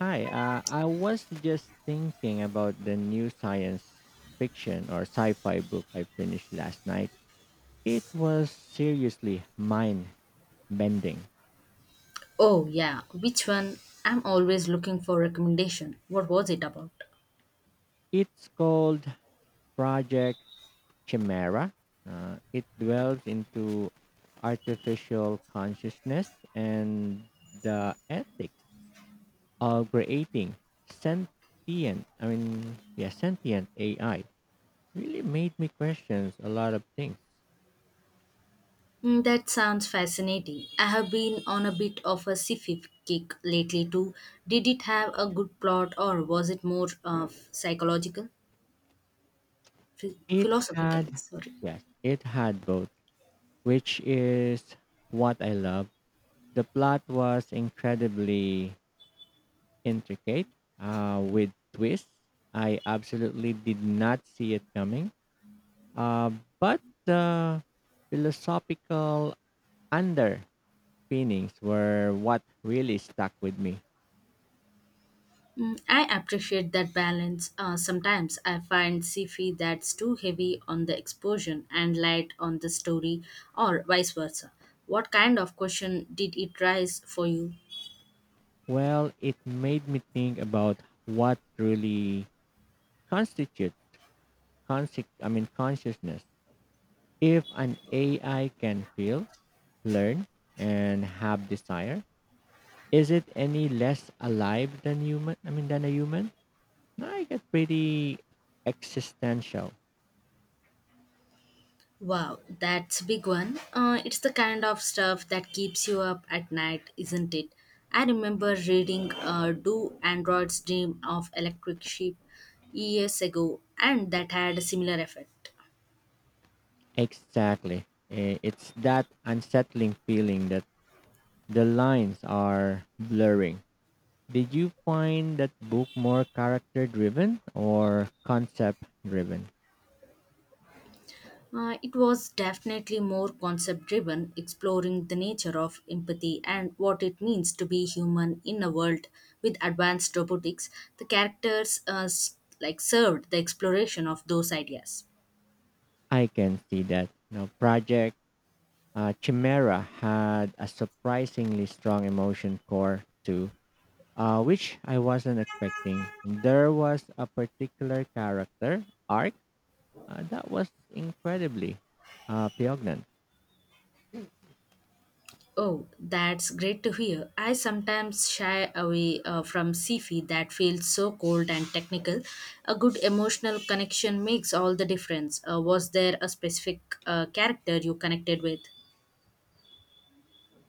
I was just thinking about the new science fiction or sci fi book I finished last night. It was seriously mind bending. Oh, yeah. Which one? I'm always looking for recommendation. What was it about? It's called Project Chimera. It dwells into artificial consciousness and the ethics of creating sentient, I mean, yeah, sentient AI. Really made me question a lot of things. Mm, that sounds fascinating. I have been on a bit of a sci-fi kick lately too. Did it have a good plot or was it more psychological? It Philosophical, had, sorry. yes, it had both, which is what I love. The plot was incredibly intricate with twists. I absolutely did not see it coming. Uh, but the philosophical underpinnings were what really stuck with me. Mm, I appreciate that balance. Sometimes I find sci-fi that's too heavy on the explosion and light on the story or vice versa. What kind of question did it raise for you? Well, it made me think about what truly constitutes, conse- I mean, consciousness. If an AI can feel, learn and have desire, is it any less alive than human I mean than a human? No, I get pretty existential. Wow, that's a big one. It's the kind of stuff that keeps you up at night, isn't it? I remember reading Do Androids Dream of Electric Sheep years ago, and that had a similar effect. Exactly. It's that unsettling feeling that the lines are blurring. Did you find that book more character driven or concept driven? It was definitely more concept driven, exploring the nature of empathy and what it means to be human in a world with advanced robotics. The characters like served the exploration of those ideas. I can see that now. Project Chimera had a surprisingly strong emotion core too, which I wasn't expecting. There was a particular character arc that was incredibly poignant. Oh, that's great to hear. I sometimes shy away from sci-fi that feels so cold and technical. A good emotional connection makes all the difference. Was there a specific character you connected with?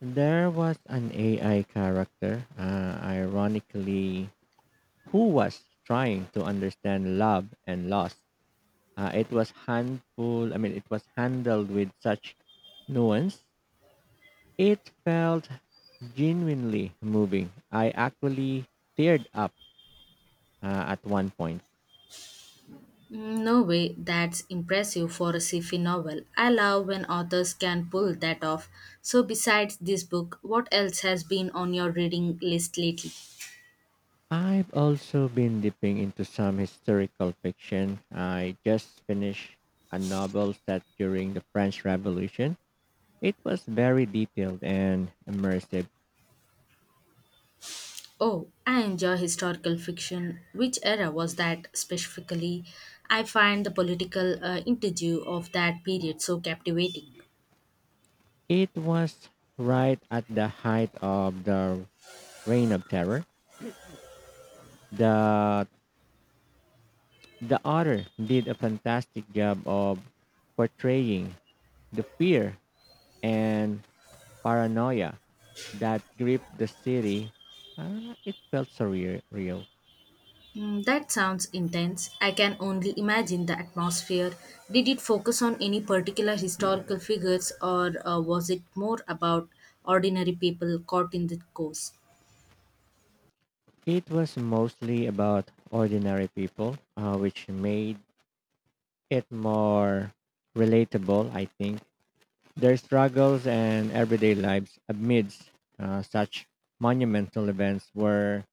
There was an AI character, ironically, who was trying to understand love and loss. It was handful. I mean, It was handled with such nuance. It felt genuinely moving. I actually teared up at one point. Mm, no way, that's impressive for a sci-fi novel. I love when authors can pull that off. So besides this book, what else has been on your reading list lately? I've also been dipping into some historical fiction. I just finished a novel set during the French Revolution. It was very detailed and immersive. Oh, I enjoy historical fiction. Which era was that specifically? I find the political interview of that period so captivating. It was right at the height of the Reign of Terror. The the author did a fantastic job of portraying the fear and paranoia that gripped the city. It felt surreal. Real. Real. Mm, that sounds intense. I can only imagine the atmosphere. Did it focus on any particular historical figures, or was it more about ordinary people caught in the course? It was mostly about ordinary people, which made it more relatable, I think. Their struggles and everyday lives amidst such monumental events were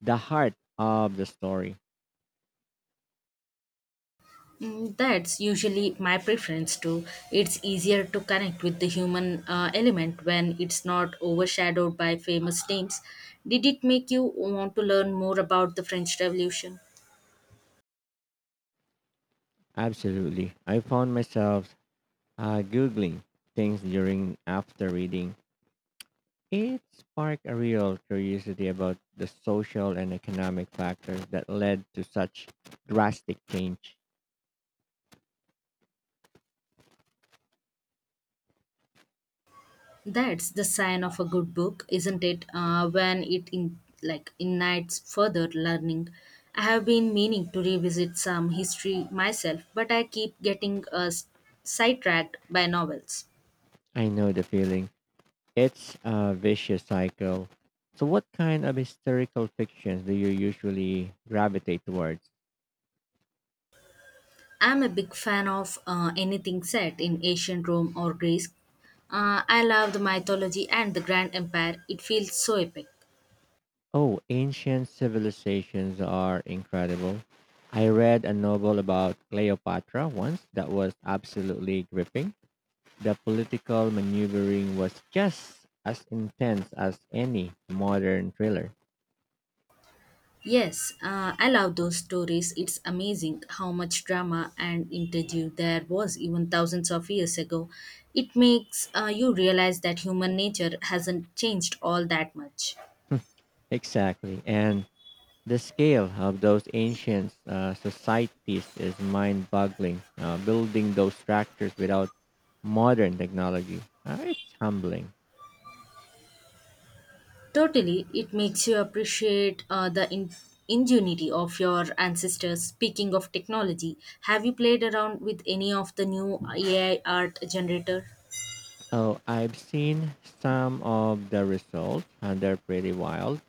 the heart of the story. Mm, that's usually my preference too. It's easier to connect with the human element when it's not overshadowed by famous names. Did it make you want to learn more about the French Revolution? Absolutely. I found myself Googling things during after reading. It sparked a real curiosity about the social and economic factors that led to such drastic change. That's the sign of a good book, isn't it? When it like ignites further learning. I have been meaning to revisit some history myself, but I keep getting sidetracked by novels. I know the feeling. It's a vicious cycle. So, what kind of historical fictions do you usually gravitate towards? I'm a big fan of anything set in ancient Rome or Greece. I love the mythology and the grand empire. It feels so epic. Oh, ancient civilizations are incredible. I read a novel about Cleopatra once that was absolutely gripping. The political maneuvering was just as intense as any modern thriller. Yes, I love those stories. It's amazing how much drama and intrigue there was even thousands of years ago. It makes you realize that human nature hasn't changed all that much. Exactly. And the scale of those ancient societies is mind boggling. Building those structures without modern technology, it's humbling. Totally, it makes you appreciate the ingenuity of your ancestors. Speaking of technology, have you played around with any of the new AI art generator? Oh, I've seen some of the results, and they're pretty wild.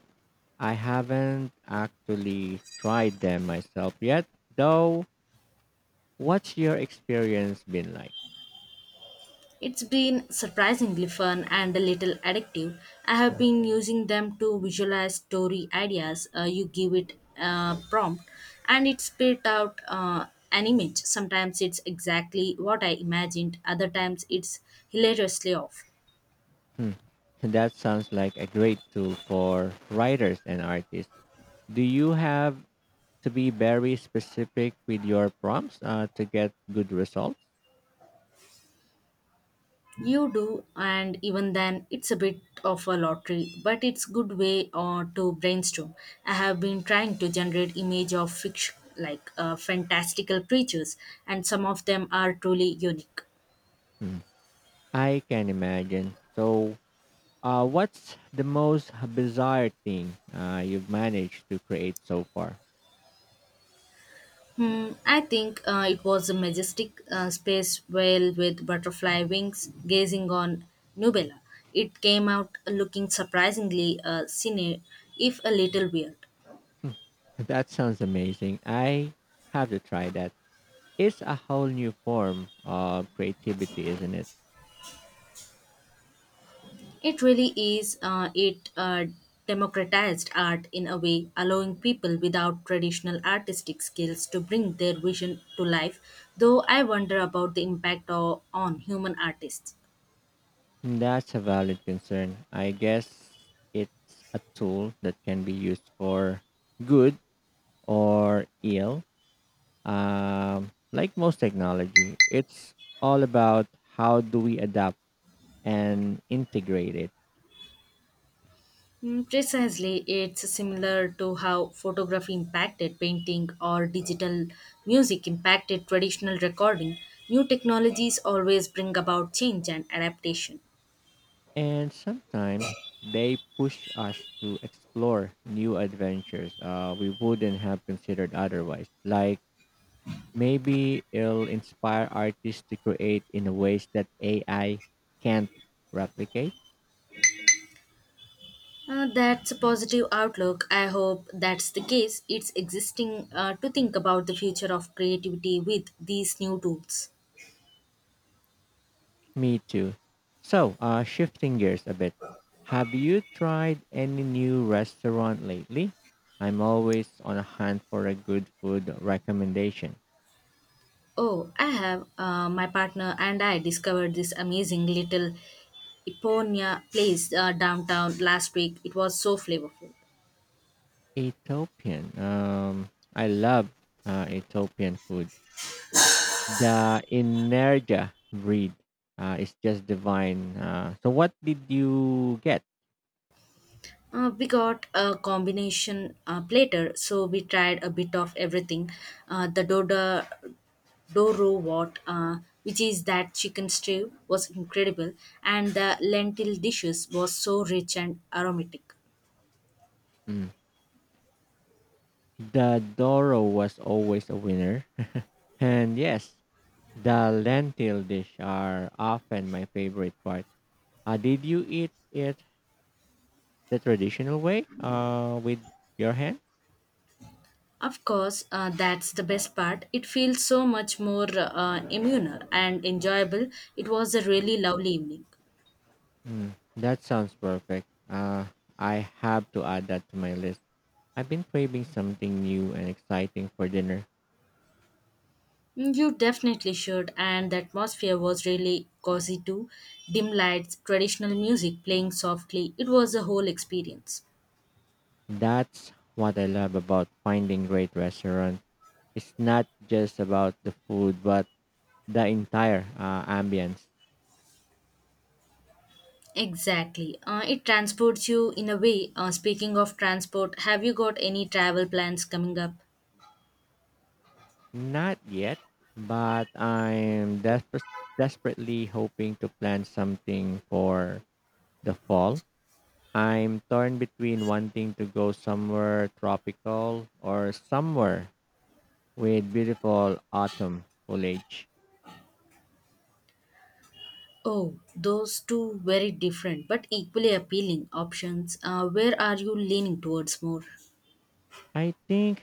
I haven't actually tried them myself yet, though. What's your experience been like? It's been surprisingly fun and a little addictive. I have been using them to visualize story ideas. You give it a prompt and it spit out an image. Sometimes it's exactly what I imagined, other times it's hilariously off. Hmm. That sounds like a great tool for writers and artists. Do you have to be very specific with your prompts to get good results. You do, and even then, it's a bit of a lottery, but it's good way to brainstorm. I have been trying to generate image of fiction, like fantastical creatures, and some of them are truly unique. Mm. I can imagine. So, what's the most bizarre thing you've managed to create so far? Hmm, I think it was a majestic space whale with butterfly wings gazing on Nubella. It came out looking surprisingly cine, if a little weird. That sounds amazing. I have to try that. It's a whole new form of creativity, isn't it? It really is. It democratized art in a way, allowing people without traditional artistic skills to bring their vision to life. Though I wonder about the impact on human artists. That's a valid concern. I guess it's a tool that can be used for good or ill, like most technology, it's all about how do we adapt and integrate it. Mm, precisely, it's similar to how photography impacted painting or digital music impacted traditional recording. New technologies always bring about change and adaptation. And sometimes they push us to explore new adventures we wouldn't have considered otherwise. Like maybe it'll inspire artists to create in ways that AI can't replicate. That's a positive outlook. I hope that's the case. It's existing to think about the future of creativity with these new tools. Me too. So, shifting gears a bit, have you tried any new restaurant lately? I'm always on a hunt for a good food recommendation. Oh, I have my partner and I discovered this amazing little Iponia place downtown last week. It was so flavorful. Ethiopian. I love Ethiopian food. The Inerja breed is just divine. So, what did you get? We got a combination platter, so we tried a bit of everything. The doda Doro what, which is that chicken stew, was incredible, and the lentil dishes was so rich and aromatic. Mm. The Doro was always a winner. And yes, the lentil dish are often my favorite part. Did you eat it the traditional way, with your hand? Of course, that's the best part. It feels so much more immuner and enjoyable. It was a really lovely evening. Mm, that sounds perfect. I have to add that to my list. I've been craving something new and exciting for dinner. Mm, you definitely should, and the atmosphere was really cozy too. Dim lights, traditional music playing softly. It was a whole experience. That's what I love about finding great restaurants. It's not just about the food, but the entire ambience. Exactly. It transports you in a way. Speaking of transport, have you got any travel plans coming up? Not yet, but I'm desperately hoping to plan something for the fall. I'm torn between wanting to go somewhere tropical or somewhere with beautiful autumn foliage. Oh, those two very different but equally appealing options. Where are you leaning towards more? I think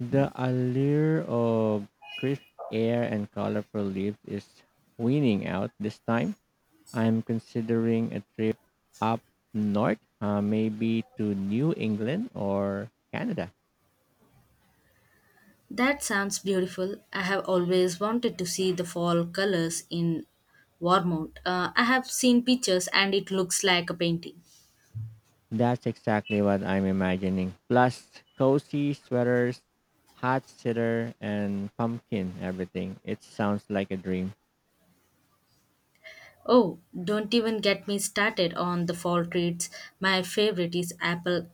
the allure of crisp air and colorful leaves is winning out this time. I'm considering a trip up north, maybe to New England or Canada. That sounds beautiful. I have always wanted to see the fall colors in Warmount. I have seen pictures and it looks like a painting. That's exactly what I'm imagining. Plus, cozy sweaters, hot cider, and pumpkin everything. It sounds like a dream. Oh, don't even get me started on the fall treats. My favorite is apple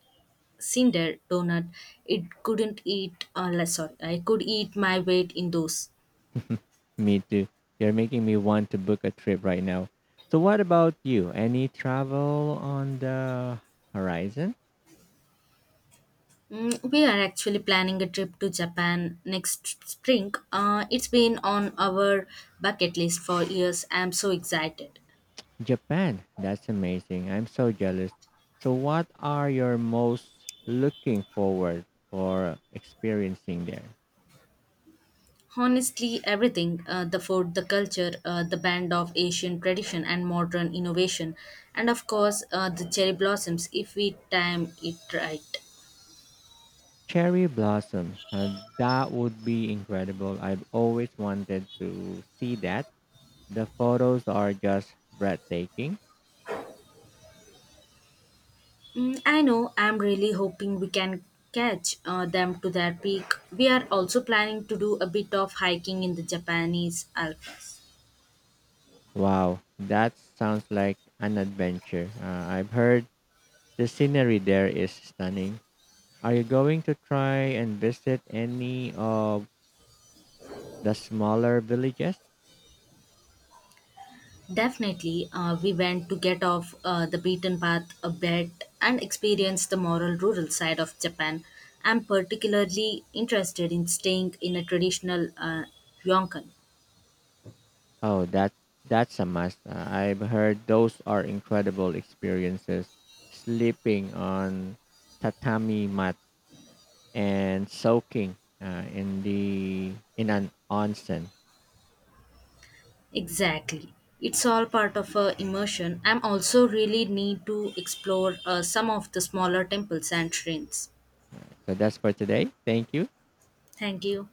cinder donut it couldn't eat sorry I could eat my weight in those. Me too. You're making me want to book a trip right now. So, what about you? Any travel on the horizon? Mm, we are actually planning a trip to Japan next spring, it's been on our bucket list for years, I'm so excited. Japan. That's amazing. I'm so jealous. So what are your most looking forward for experiencing there? Honestly everything, the food, the culture, the blend of Asian tradition and modern innovation, and of course, the cherry blossoms if we time it right. Cherry blossoms. That would be incredible. I've always wanted to see that. The photos are just breathtaking. Mm, I know. I'm really hoping we can catch them to their peak. We are also planning to do a bit of hiking in the Japanese Alps. Wow, that sounds like an adventure. I've heard the scenery there is stunning. Are you going to try and visit any of the smaller villages? Definitely, we went to get off the beaten path a bit and experience the moral rural side of Japan. I'm particularly interested in staying in a traditional ryokan. Oh, that's a must. I've heard those are incredible experiences. Sleeping on tatami mat and soaking in the in an onsen. Exactly. It's all part of a immersion. I'm also really need to explore some of the smaller temples and shrines. So that's for today. Thank you. Thank you.